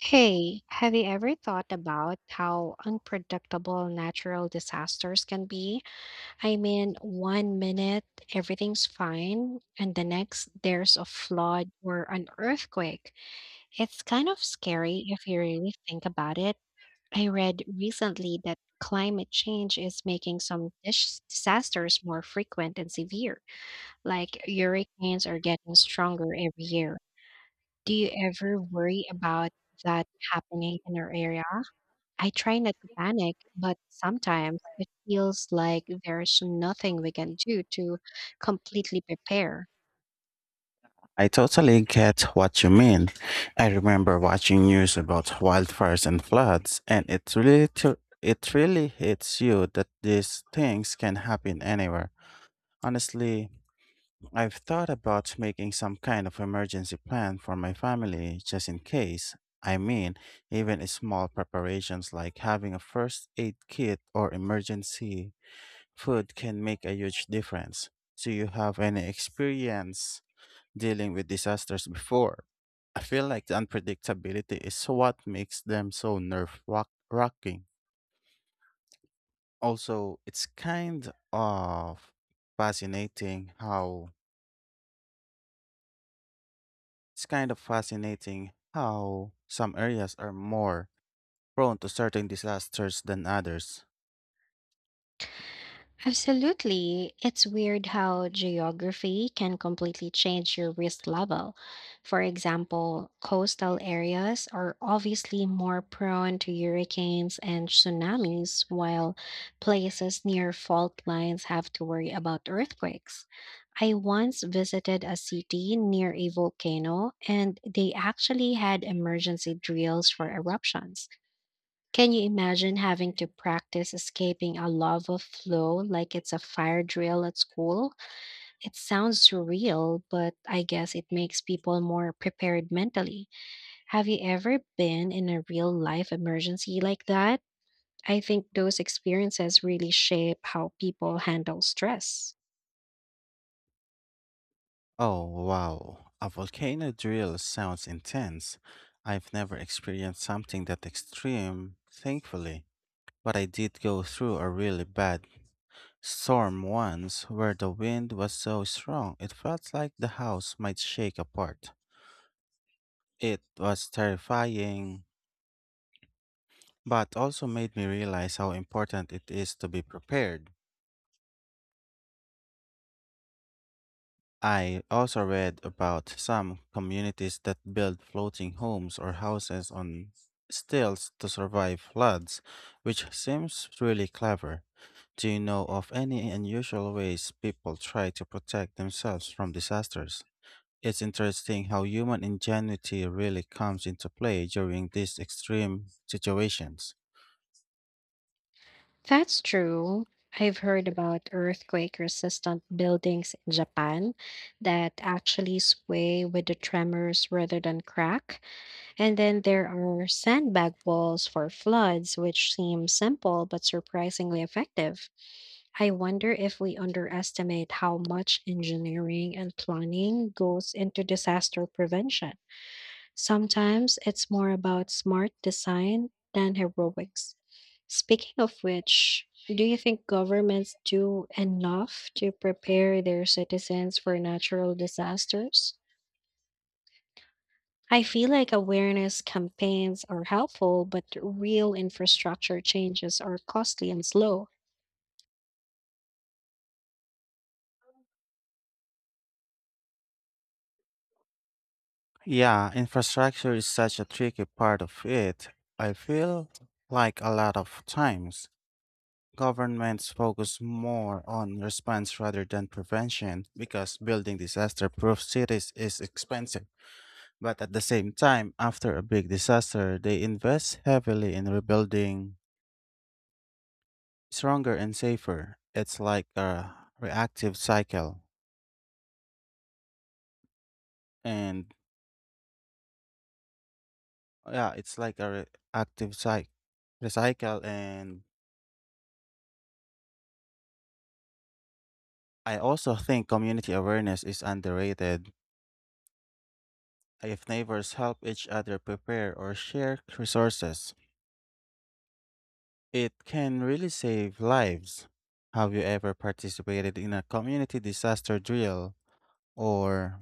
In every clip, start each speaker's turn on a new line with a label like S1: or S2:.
S1: Hey, have you ever thought about how unpredictable natural disasters can be? I mean, one minute everything's fine, and the next there's a flood or an earthquake. It's kind of scary if you really think about it. I read recently that climate change is making some disasters more frequent and severe, like hurricanes are getting stronger every year. Do you ever worry about that happening in our area? I try not to panic, but sometimes it feels like there's nothing we can do to completely prepare.
S2: I totally get what you mean. I remember watching news about wildfires and floods, and it really hits you that these things can happen anywhere. Honestly, I've thought about making some kind of emergency plan for my family just in case. I mean, Even small preparations like having a first aid kit or emergency food can make a huge difference. Do you have any experience dealing with disasters before? I feel like the unpredictability is what makes them so wracking. Also, fascinating how it's kind of fascinating how some areas are more prone to certain disasters than others.
S1: Absolutely. It's weird how geography can completely change your risk level. For example, coastal areas are obviously more prone to hurricanes and tsunamis, while places near fault lines have to worry about earthquakes. I once visited a city near a volcano, and they actually had emergency drills for eruptions. Can you imagine having to practice escaping a lava flow like it's a fire drill at school? It sounds surreal, but I guess it makes people more prepared mentally. Have you ever been in a real life emergency like that? I think those experiences really shape how people handle stress.
S2: Oh wow, a volcano drill sounds intense. I've never experienced something that extreme, thankfully, but I did go through a really bad storm once where the wind was so strong it felt like the house might shake apart. It was terrifying, but also made me realize how important it is to be prepared. I also read about some communities that build floating homes or houses on stilts to survive floods, which seems really clever. Do you know of any unusual ways people try to protect themselves from disasters? It's interesting how human ingenuity really comes into play during these extreme situations.
S1: That's true. I've heard about earthquake resistant buildings in Japan that actually sway with the tremors rather than crack. And then there are sandbag walls for floods, which seem simple but surprisingly effective. I wonder if we underestimate how much engineering and planning goes into disaster prevention. Sometimes it's more about smart design than heroics. Speaking of which, do you think governments do enough to prepare their citizens for natural disasters? I feel like awareness campaigns are helpful, but real infrastructure changes are costly and slow.
S2: Yeah, infrastructure is such a tricky part of it. I feel like a lot of times governments focus more on response rather than prevention because building disaster proof cities is expensive. But at the same time, after a big disaster, they invest heavily in rebuilding stronger and safer. It's like a reactive cycle. And yeah it's like a re- active cycle recycle and I also think community awareness is underrated. If neighbors help each other prepare or share resources, it can really save lives. Have you ever participated in a community disaster drill? Or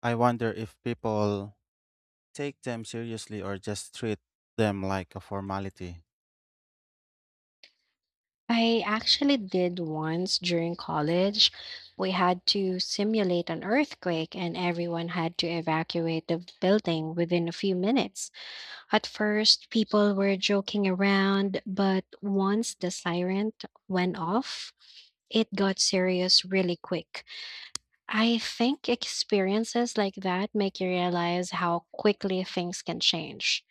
S2: I wonder if people take them seriously or just treat them like a formality.
S1: I actually did once during college. We had to simulate an earthquake, and everyone had to evacuate the building within a few minutes. At first, people were joking around, but once the siren went off, it got serious really quick. I think experiences like that make you realize how quickly things can change.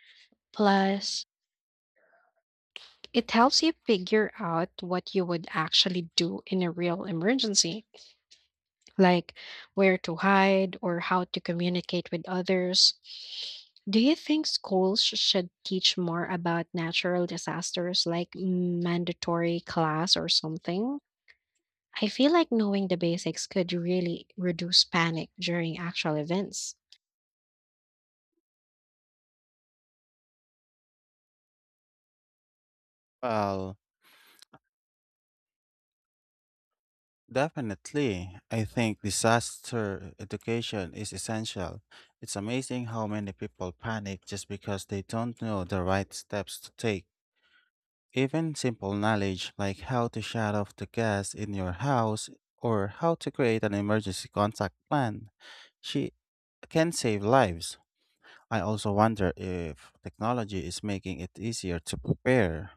S1: Plus, it helps you figure out what you would actually do in a real emergency, like where to hide or how to communicate with others. Do you think schools should teach more about natural disasters, like mandatory class or something? I feel like knowing the basics could really reduce panic during actual events.
S2: well Definitely. I think disaster education is essential. It's amazing how many people panic just because they don't know the right steps to take. Even simple knowledge like how to shut off the gas in your house or how to create an emergency contact plan she can save lives. I also wonder if technology is making it easier to prepare,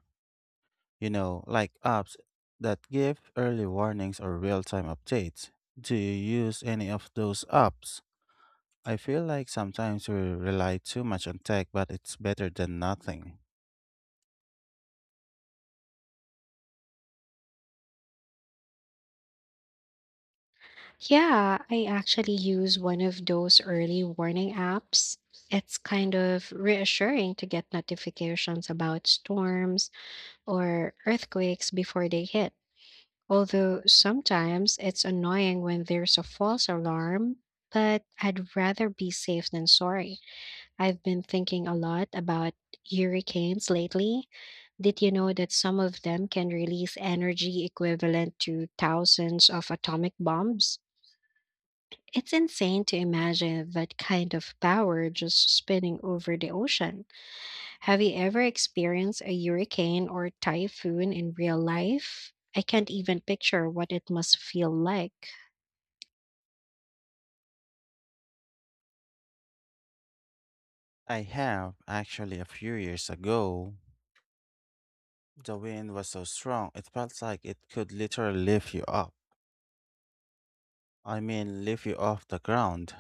S2: like apps that give early warnings or real time updates. Do you use any of those apps? I feel like sometimes we rely too much on tech, but it's better than nothing.
S1: Yeah, I actually use one of those early warning apps. It's kind of reassuring to get notifications about storms or earthquakes before they hit. Although sometimes it's annoying when there's a false alarm, but I'd rather be safe than sorry. I've been thinking a lot about hurricanes lately. Did you know that some of them can release energy equivalent to thousands of atomic bombs? It's insane to imagine that kind of power just spinning over the ocean. Have you ever experienced a hurricane or typhoon in real life? I can't even picture what it must feel like.
S2: I have, actually, a few years ago. The wind was so strong, it felt like it could literally lift you up. I mean, lift you off the ground.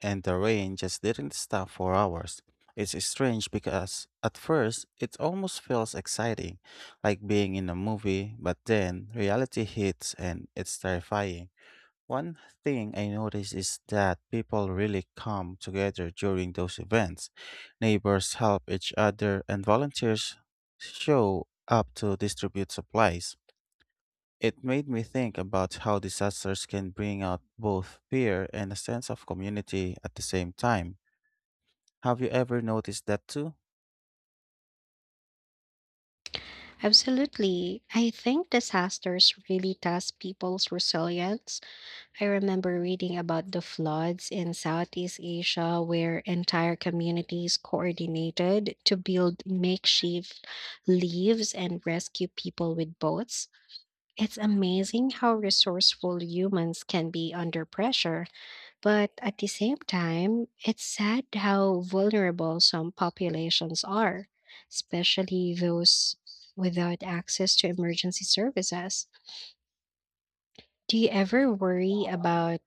S2: And the rain just didn't stop for hours. It's strange because at first it almost feels exciting, like being in a movie, but then reality hits and it's terrifying. One thing I noticed is that people really come together during those events. Neighbors help each other, and volunteers show up to distribute supplies. It made me think about how disasters can bring out both fear and a sense of community at the same time. Have you ever noticed that too?
S1: Absolutely. I think disasters really test people's resilience. I remember reading about the floods in Southeast Asia where entire communities coordinated to build makeshift leaves and rescue people with boats. It's amazing how resourceful humans can be under pressure, but at the same time, it's sad how vulnerable some populations are, especially those without access to emergency services. Do you ever worry about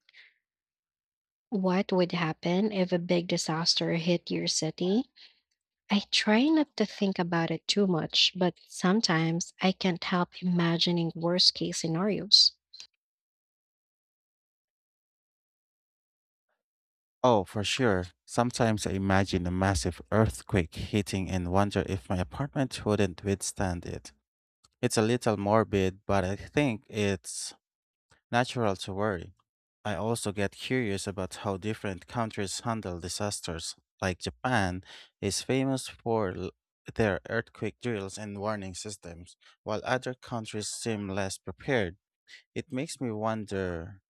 S1: what would happen if a big disaster hit your city? I try not to think about it too much, but sometimes I can't help imagining worst case scenarios.
S2: Oh, for sure. Sometimes I imagine a massive earthquake hitting and wonder if my apartment wouldn't withstand it. It's a little morbid, but I think it's natural to worry. I also get curious about how different countries handle disasters. Like Japan is their earthquake drills and warning systems, while other countries seem less prepared. It makes me wonder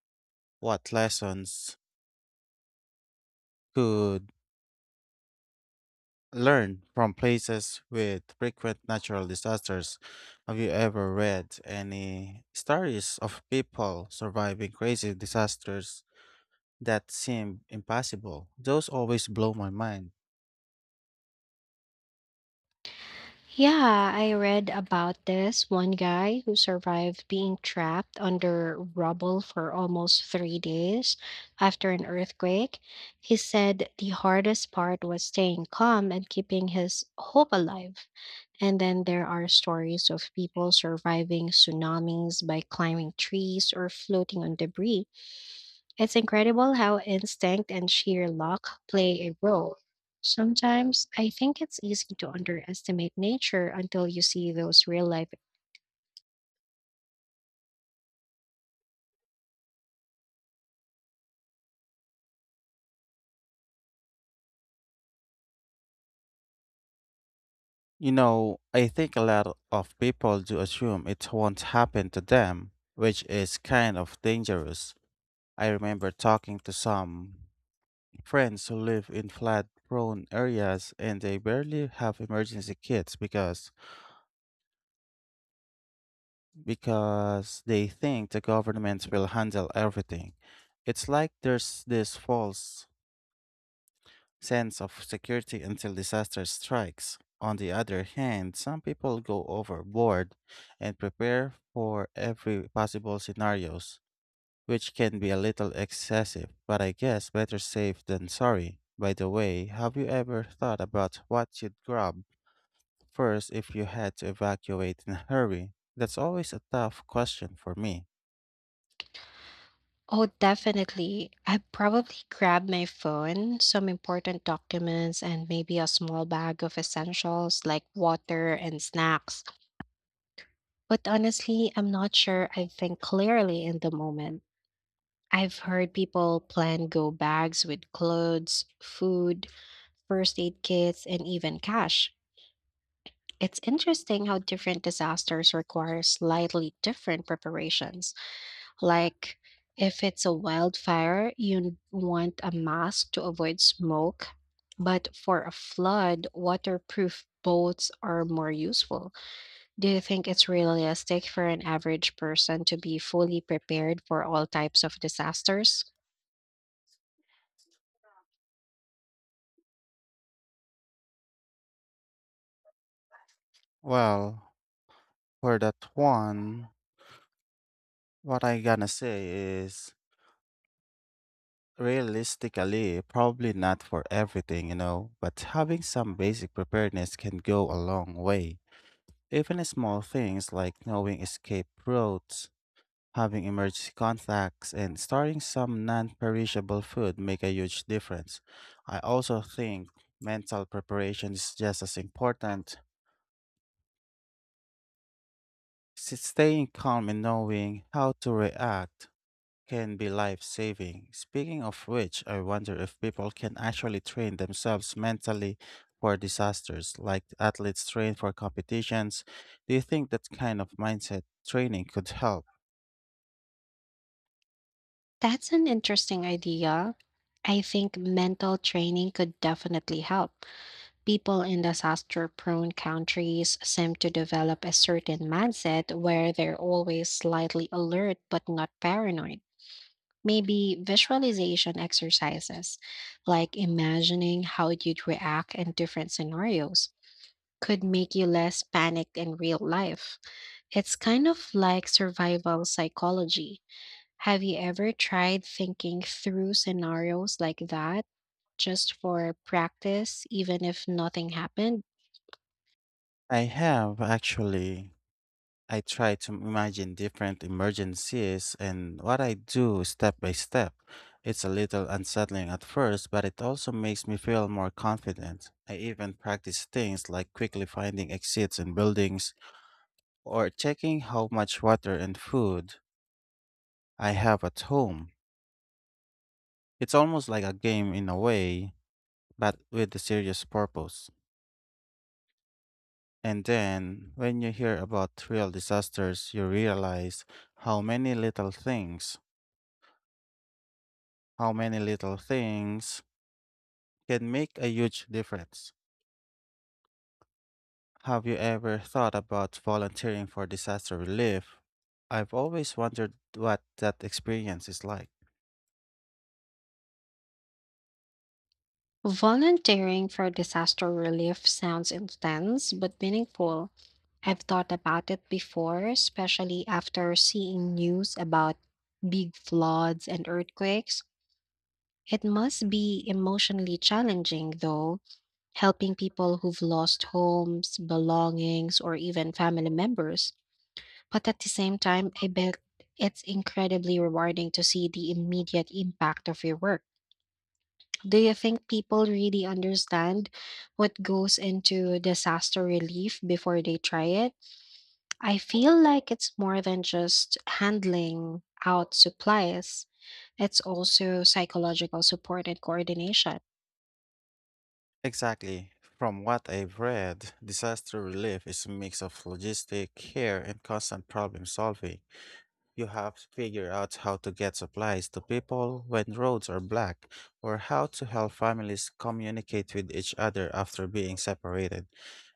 S2: what lessons could learn from places with frequent natural disasters. Have you ever read any stories of people surviving crazy disasters that seem impossible? Those always blow my mind.
S1: Yeah, I read about this one guy who survived being trapped under rubble for almost three days after an earthquake. He said the hardest part was staying calm and keeping his hope alive. And then there are stories of people surviving tsunamis by climbing trees or floating on debris. It's incredible how instinct and sheer luck play a role. Sometimes I think it's easy to underestimate nature until you see those real life.
S2: You know, I think a lot of people do assume it won't happen to them, which is kind of dangerous. I remember talking to some friends who live in flood prone areas and they barely have emergency kits because they think the governments will handle everything. It's like there's this false sense of security until disaster strikes. On the other hand, some people go overboard and prepare for every possible scenarios, which can be a little excessive, but I guess better safe than sorry. By the way, have you ever thought about what you'd grab first if you had to evacuate in a hurry? That's always a tough question for me.
S1: Oh, definitely. I probably grabbed my phone, some important documents, and maybe a small bag of essentials like water and snacks. But honestly, I'm not sure I think clearly in the moment. I've heard people plan go bags with clothes, food, first aid kits, and even cash. It's interesting how different disasters require slightly different preparations. Like, if it's a wildfire, you want a mask to avoid smoke. But for a flood, waterproof boats are more useful. Do you think it's realistic for an average person to be fully prepared for all types of disasters?
S2: Well, for that one, what I gonna say is realistically, probably not for everything, you know, but having some basic preparedness can go a long way. Even small things like knowing escape routes, having emergency contacts, and starting some non-perishable food make a huge difference. I also think mental preparation is just as important. Staying calm and knowing how to react can be life saving. Speaking of which, I wonder if people can actually train themselves mentally for disasters, like athletes train for competitions. Do you think that kind of mindset training could help?
S1: That's an interesting idea. I think mental training could definitely help. People in disaster prone countries seem to develop a certain mindset where they're always slightly alert but not paranoid. Maybe visualization exercises, like imagining how you'd react in different scenarios, could make you less panicked in real life. It's kind of like survival psychology. Have you ever tried thinking through scenarios like that just for practice, even if nothing happened?
S2: I have actually. I try to imagine different emergencies and what I do step by step. It's a little unsettling at first, but it also makes me feel more confident. I even practice things like quickly finding exits in buildings or checking how much water and food I have at home. It's almost like a game in a way, but with a serious purpose. And then, when you hear about real disasters, you realize how many little things, how many little things can make a huge difference. Have you ever thought about volunteering for disaster relief? I've always wondered what that experience is like.
S1: Volunteering for disaster relief sounds intense but meaningful. I've thought about it before, especially after seeing news about big floods and earthquakes. It must be emotionally challenging, though, helping people who've lost homes, belongings, or even family members. But at the same time, I bet it's incredibly rewarding to see the immediate impact of your work. Do you think people really understand what goes into disaster relief before they try it? I feel like it's more than just handling out supplies; it's also psychological support and coordination.
S2: Exactly. From what I've read, disaster relief is a mix of logistic care and constant problem solving. You have to figure out how to get supplies to people when roads are black, or how to help families communicate with each other after being separated.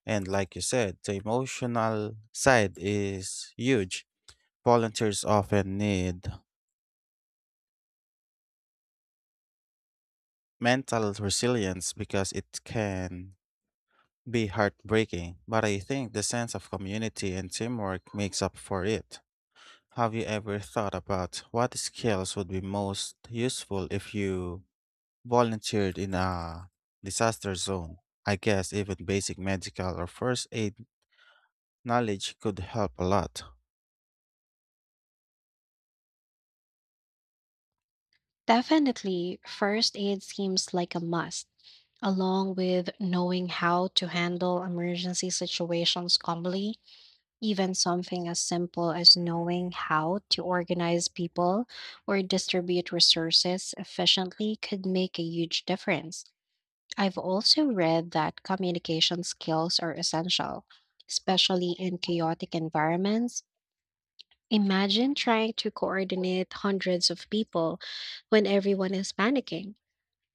S2: And like you said, the emotional side is huge. Volunteers often need mental resilience because it can be heartbreaking, but I think the sense of community and teamwork makes up for it. Have you ever thought about what skills would be most useful if you volunteered in a disaster zone? I guess even basic medical or first aid knowledge could help a lot.
S1: Definitely, first aid seems like a must, along with knowing how to handle emergency situations calmly. Even something as simple as knowing how to organize people or distribute resources efficiently could make a huge difference. I've also read that communication skills are essential, especially in chaotic environments. Imagine trying to coordinate hundreds of people when everyone is panicking.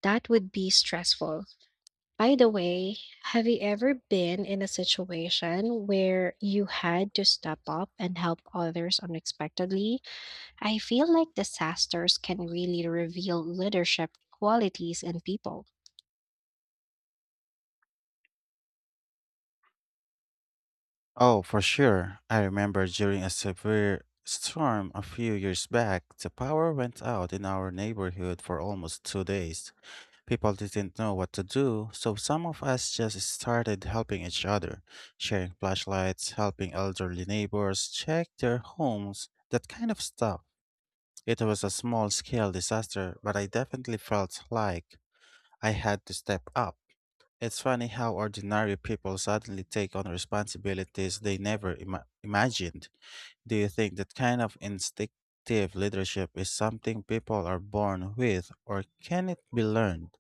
S1: That would be stressful. By the way, have you ever been in a situation where you had to step up and help others unexpectedly? I feel like disasters can really reveal leadership qualities in people.
S2: Oh, for sure. I remember during a severe storm a few years back, the power went out in our neighborhood for almost 2 days. People didn't know what to do, so some of us just started helping each other, sharing flashlights, helping elderly neighbors check their homes, that kind of stuff. It was a small scale disaster, but I definitely felt like I had to step up. It's funny how ordinary people suddenly take on responsibilities they never ima- imagined. Do you think that kind of instinctive leadership is something people are born with, or can it be learned?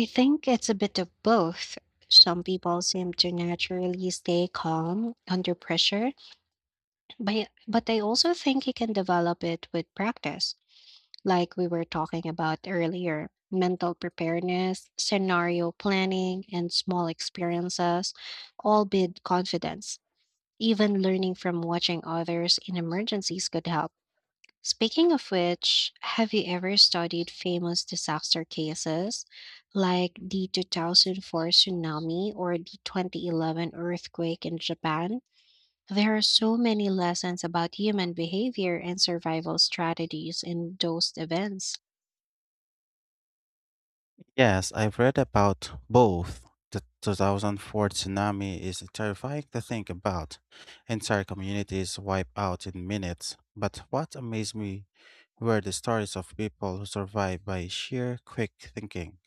S1: I think it's a bit of both. Some people seem to naturally stay calm under pressure, but I also think you can develop it with practice. Like we were talking about earlier, mental preparedness, scenario planning, and small experiences, all build confidence. Even learning from watching others in emergencies could help. Speaking of which, have you ever studied famous disaster cases like the 2004 tsunami or the 2011 earthquake in Japan? There are so many lessons about human behavior and survival strategies in those events.
S2: Yes, I've read about both. The 2004 tsunami is terrifying to think about. Entire communities wiped out in minutes. But what amazed me were the stories of people who survived by sheer quick thinking,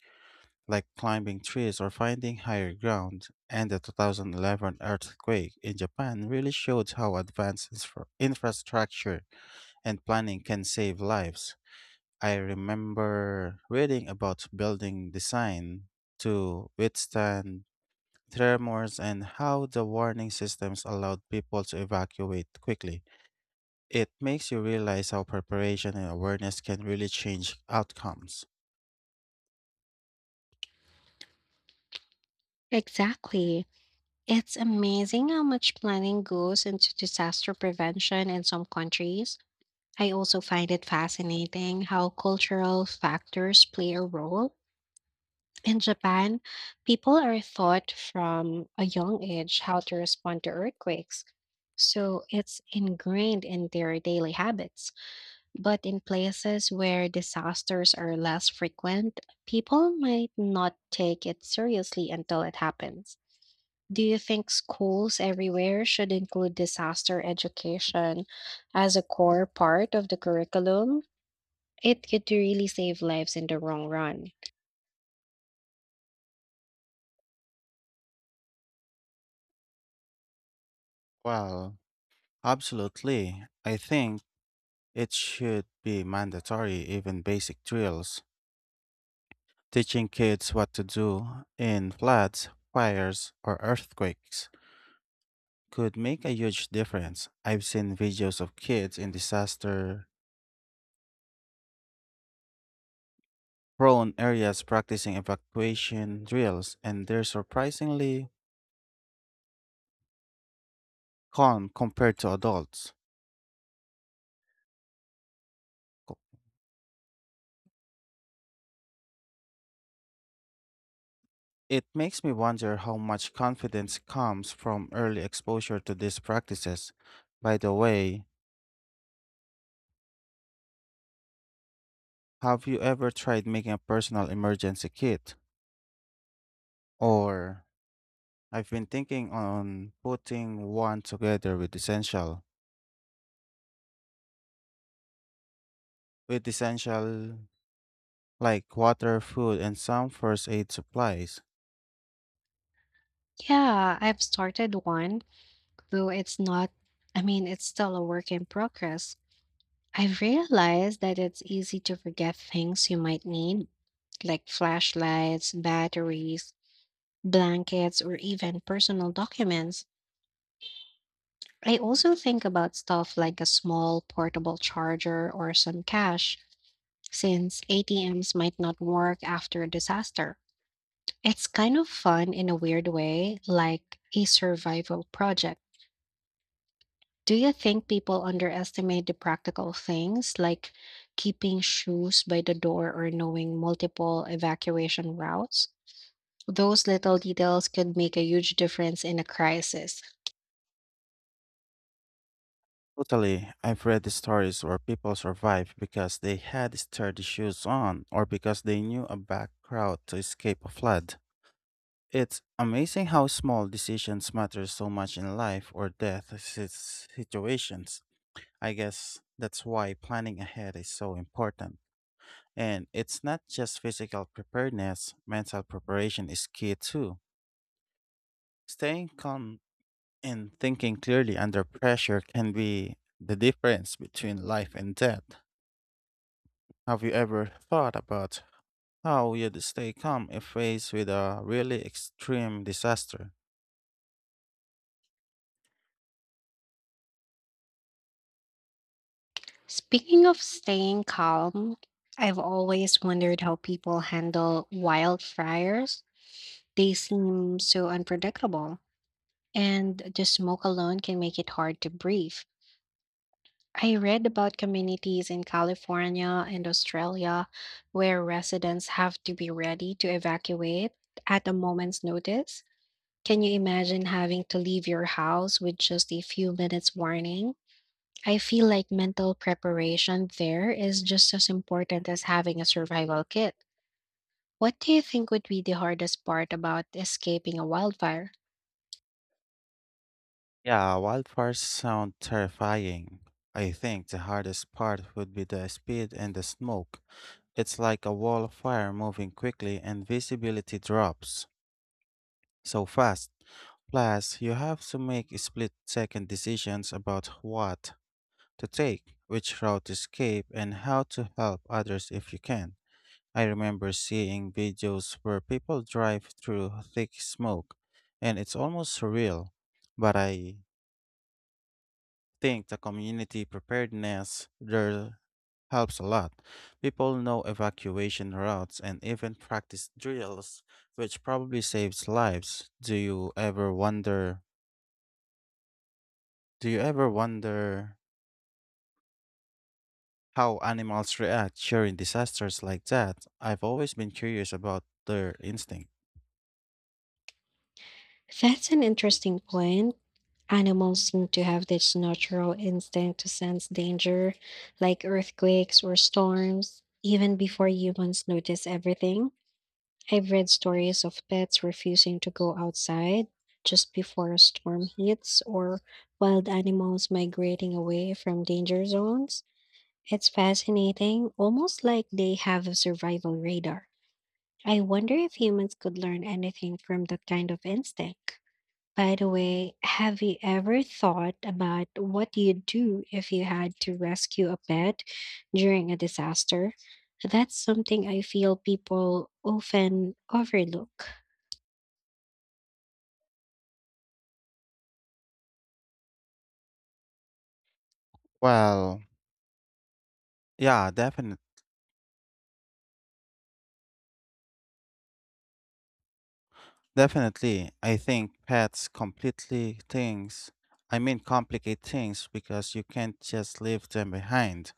S2: like climbing trees or finding higher ground. And the 2011 earthquake in Japan really showed how advanced infrastructure and planning can save lives. I remember reading about building design to withstand tremors and how the warning systems allowed people to evacuate quickly. It makes you realize how preparation and awareness can really change outcomes.
S1: Exactly. It's amazing how much planning goes into disaster prevention in some countries. I also find it fascinating how cultural factors play a role. In Japan, people are taught from a young age how to respond to earthquakes, so it's ingrained in their daily habits. But in places where disasters are less frequent, people might not take it seriously until it happens. Do you think schools everywhere should include disaster education as a core part of the curriculum? It could really save lives in the long run.
S2: Well, Absolutely. I think it should be mandatory. Even basic drills teaching kids what to do in floods, fires, or earthquakes could make a huge difference. I've seen videos of kids in disaster prone areas practicing evacuation drills, and they're surprisingly calm compared to adults. Co- It makes me wonder how much confidence comes from early exposure to these practices. By the way, have you ever tried making a personal emergency kit? Or I've been thinking on putting one together with essential, like water, food, and some first aid supplies.
S1: Yeah, I've started one, though it's not, I mean, it's still a work in progress. I've realized that it's easy to forget things you might need, like flashlights, batteries, blankets, or even personal documents. I also think about stuff like a small portable charger or some cash, since ATMs might not work after a disaster. It's kind of fun in a weird way, like a survival project. Do you think people underestimate the practical things like keeping shoes by the door or knowing multiple evacuation routes? Those little details could make a huge difference in a crisis.
S2: Totally, I've read the stories where people survived because they had sturdy shoes on or because they knew a back route to escape a flood. It's amazing how small decisions matter so much in life or death situations. I guess that's why planning ahead is so important. And it's not just physical preparedness, mental preparation is key too. Staying calm and thinking clearly under pressure can be the difference between life and death. Have you ever thought about how you'd stay calm if faced with a really extreme disaster?
S1: Speaking of staying calm, I've always wondered how people handle wildfires. They seem so unpredictable, and the smoke alone can make it hard to breathe. I read about communities in California and Australia where residents have to be ready to evacuate at a moment's notice. Can you imagine having to leave your house with just a few minutes warning? I feel like mental preparation there is just as important as having a survival kit. What do you think would be the hardest part about escaping a wildfire?
S2: Yeah, wildfires sound terrifying. I think the hardest part would be the speed and the smoke. It's like a wall of fire moving quickly and visibility drops so fast. Plus, you have to make split second decisions about what to take, which route to skip, and how to help others if you can. I remember seeing videos where people drive through thick smoke, and it's almost surreal. But I think the community preparedness there helps a lot. People know evacuation routes and even practice drills, which probably saves lives. Do you ever wonder how animals react during disasters like that? I've always been curious about their instinct.
S1: That's an interesting point. Animals seem to have this natural instinct to sense danger, like earthquakes or storms, even before humans notice everything. I've read stories of pets refusing to go outside just before a storm hits or wild animals migrating away from danger zones. It's fascinating, almost like they have a survival radar. I wonder if humans could learn anything from that kind of instinct. By the way, have you ever thought about what you'd do if you had to rescue a pet during a disaster? That's something I feel people often overlook.
S2: Well, yeah, definitely. Definitely, I think pets completely things. I mean, complicate things because you can't just leave them behind,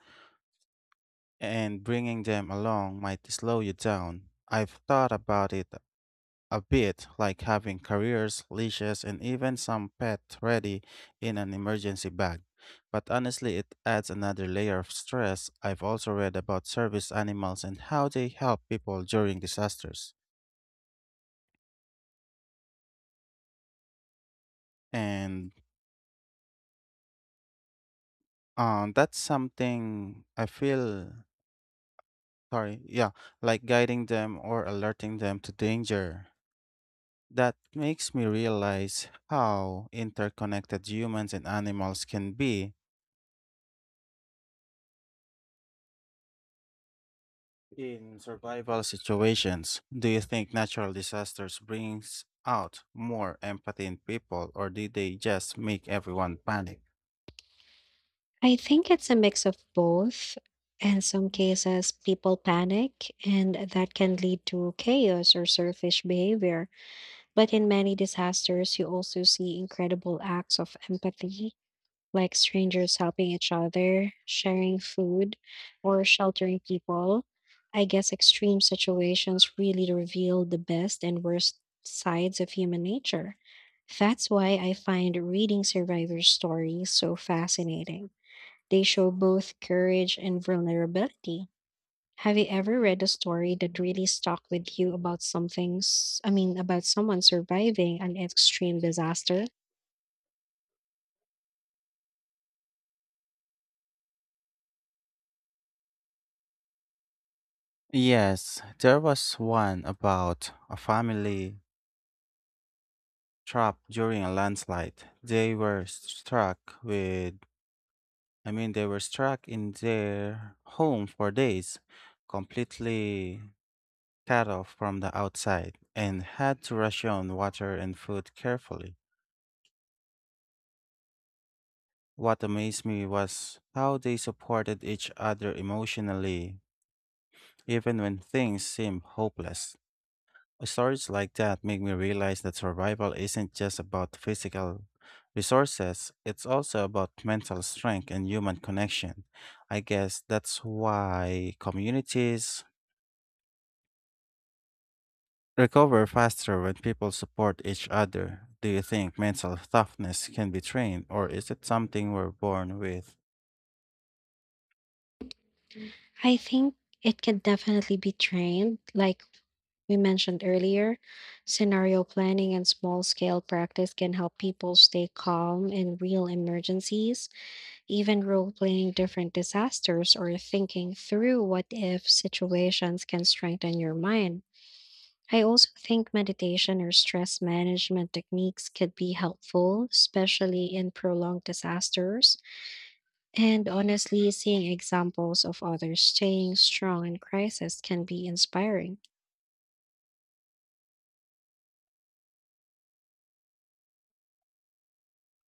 S2: and bringing them along might slow you down. I've thought about it a bit, like having carriers, leashes, and even some pet ready in an emergency bag. But honestly, it adds another layer of stress. I've also read about service animals and how they help people during disasters. And that's something I feel sorry, yeah, Like guiding them or alerting them to danger. That makes me realize how interconnected humans and animals can be in survival situations. Do you think natural disasters brings out more empathy in people or did they just make everyone panic?
S1: I think it's a mix of both. In some cases, people panic, and that can lead to chaos or selfish behavior. But in many disasters, you also see incredible acts of empathy, like strangers helping each other, sharing food, or sheltering people. I guess extreme situations really reveal the best and worst sides of human nature. That's why I find reading survivor stories so fascinating. They show both courage and vulnerability. Have you ever read a story that really stuck with you about I mean, about someone surviving an extreme disaster?
S2: Yes, there was one about a family trapped during a landslide. They were struck with I mean they were struck in their home for days, completely cut off from the outside and had to ration water and food carefully. What amazed me was how they supported each other emotionally, even when things seemed hopeless. Stories like that make me realize that survival isn't just about physical resources, it's also about mental strength and human connection. I guess that's why communities recover faster when people support each other. Do you think mental toughness can be trained, or is it something we're born with?
S1: I think it can definitely be trained. Like we mentioned earlier, scenario planning and small scale practice can help people stay calm in real emergencies. Even role playing different disasters or thinking through what if situations can strengthen your mind. I also think meditation or stress management techniques could be helpful, especially in prolonged disasters. And honestly, seeing examples of others staying strong in crisis can be inspiring.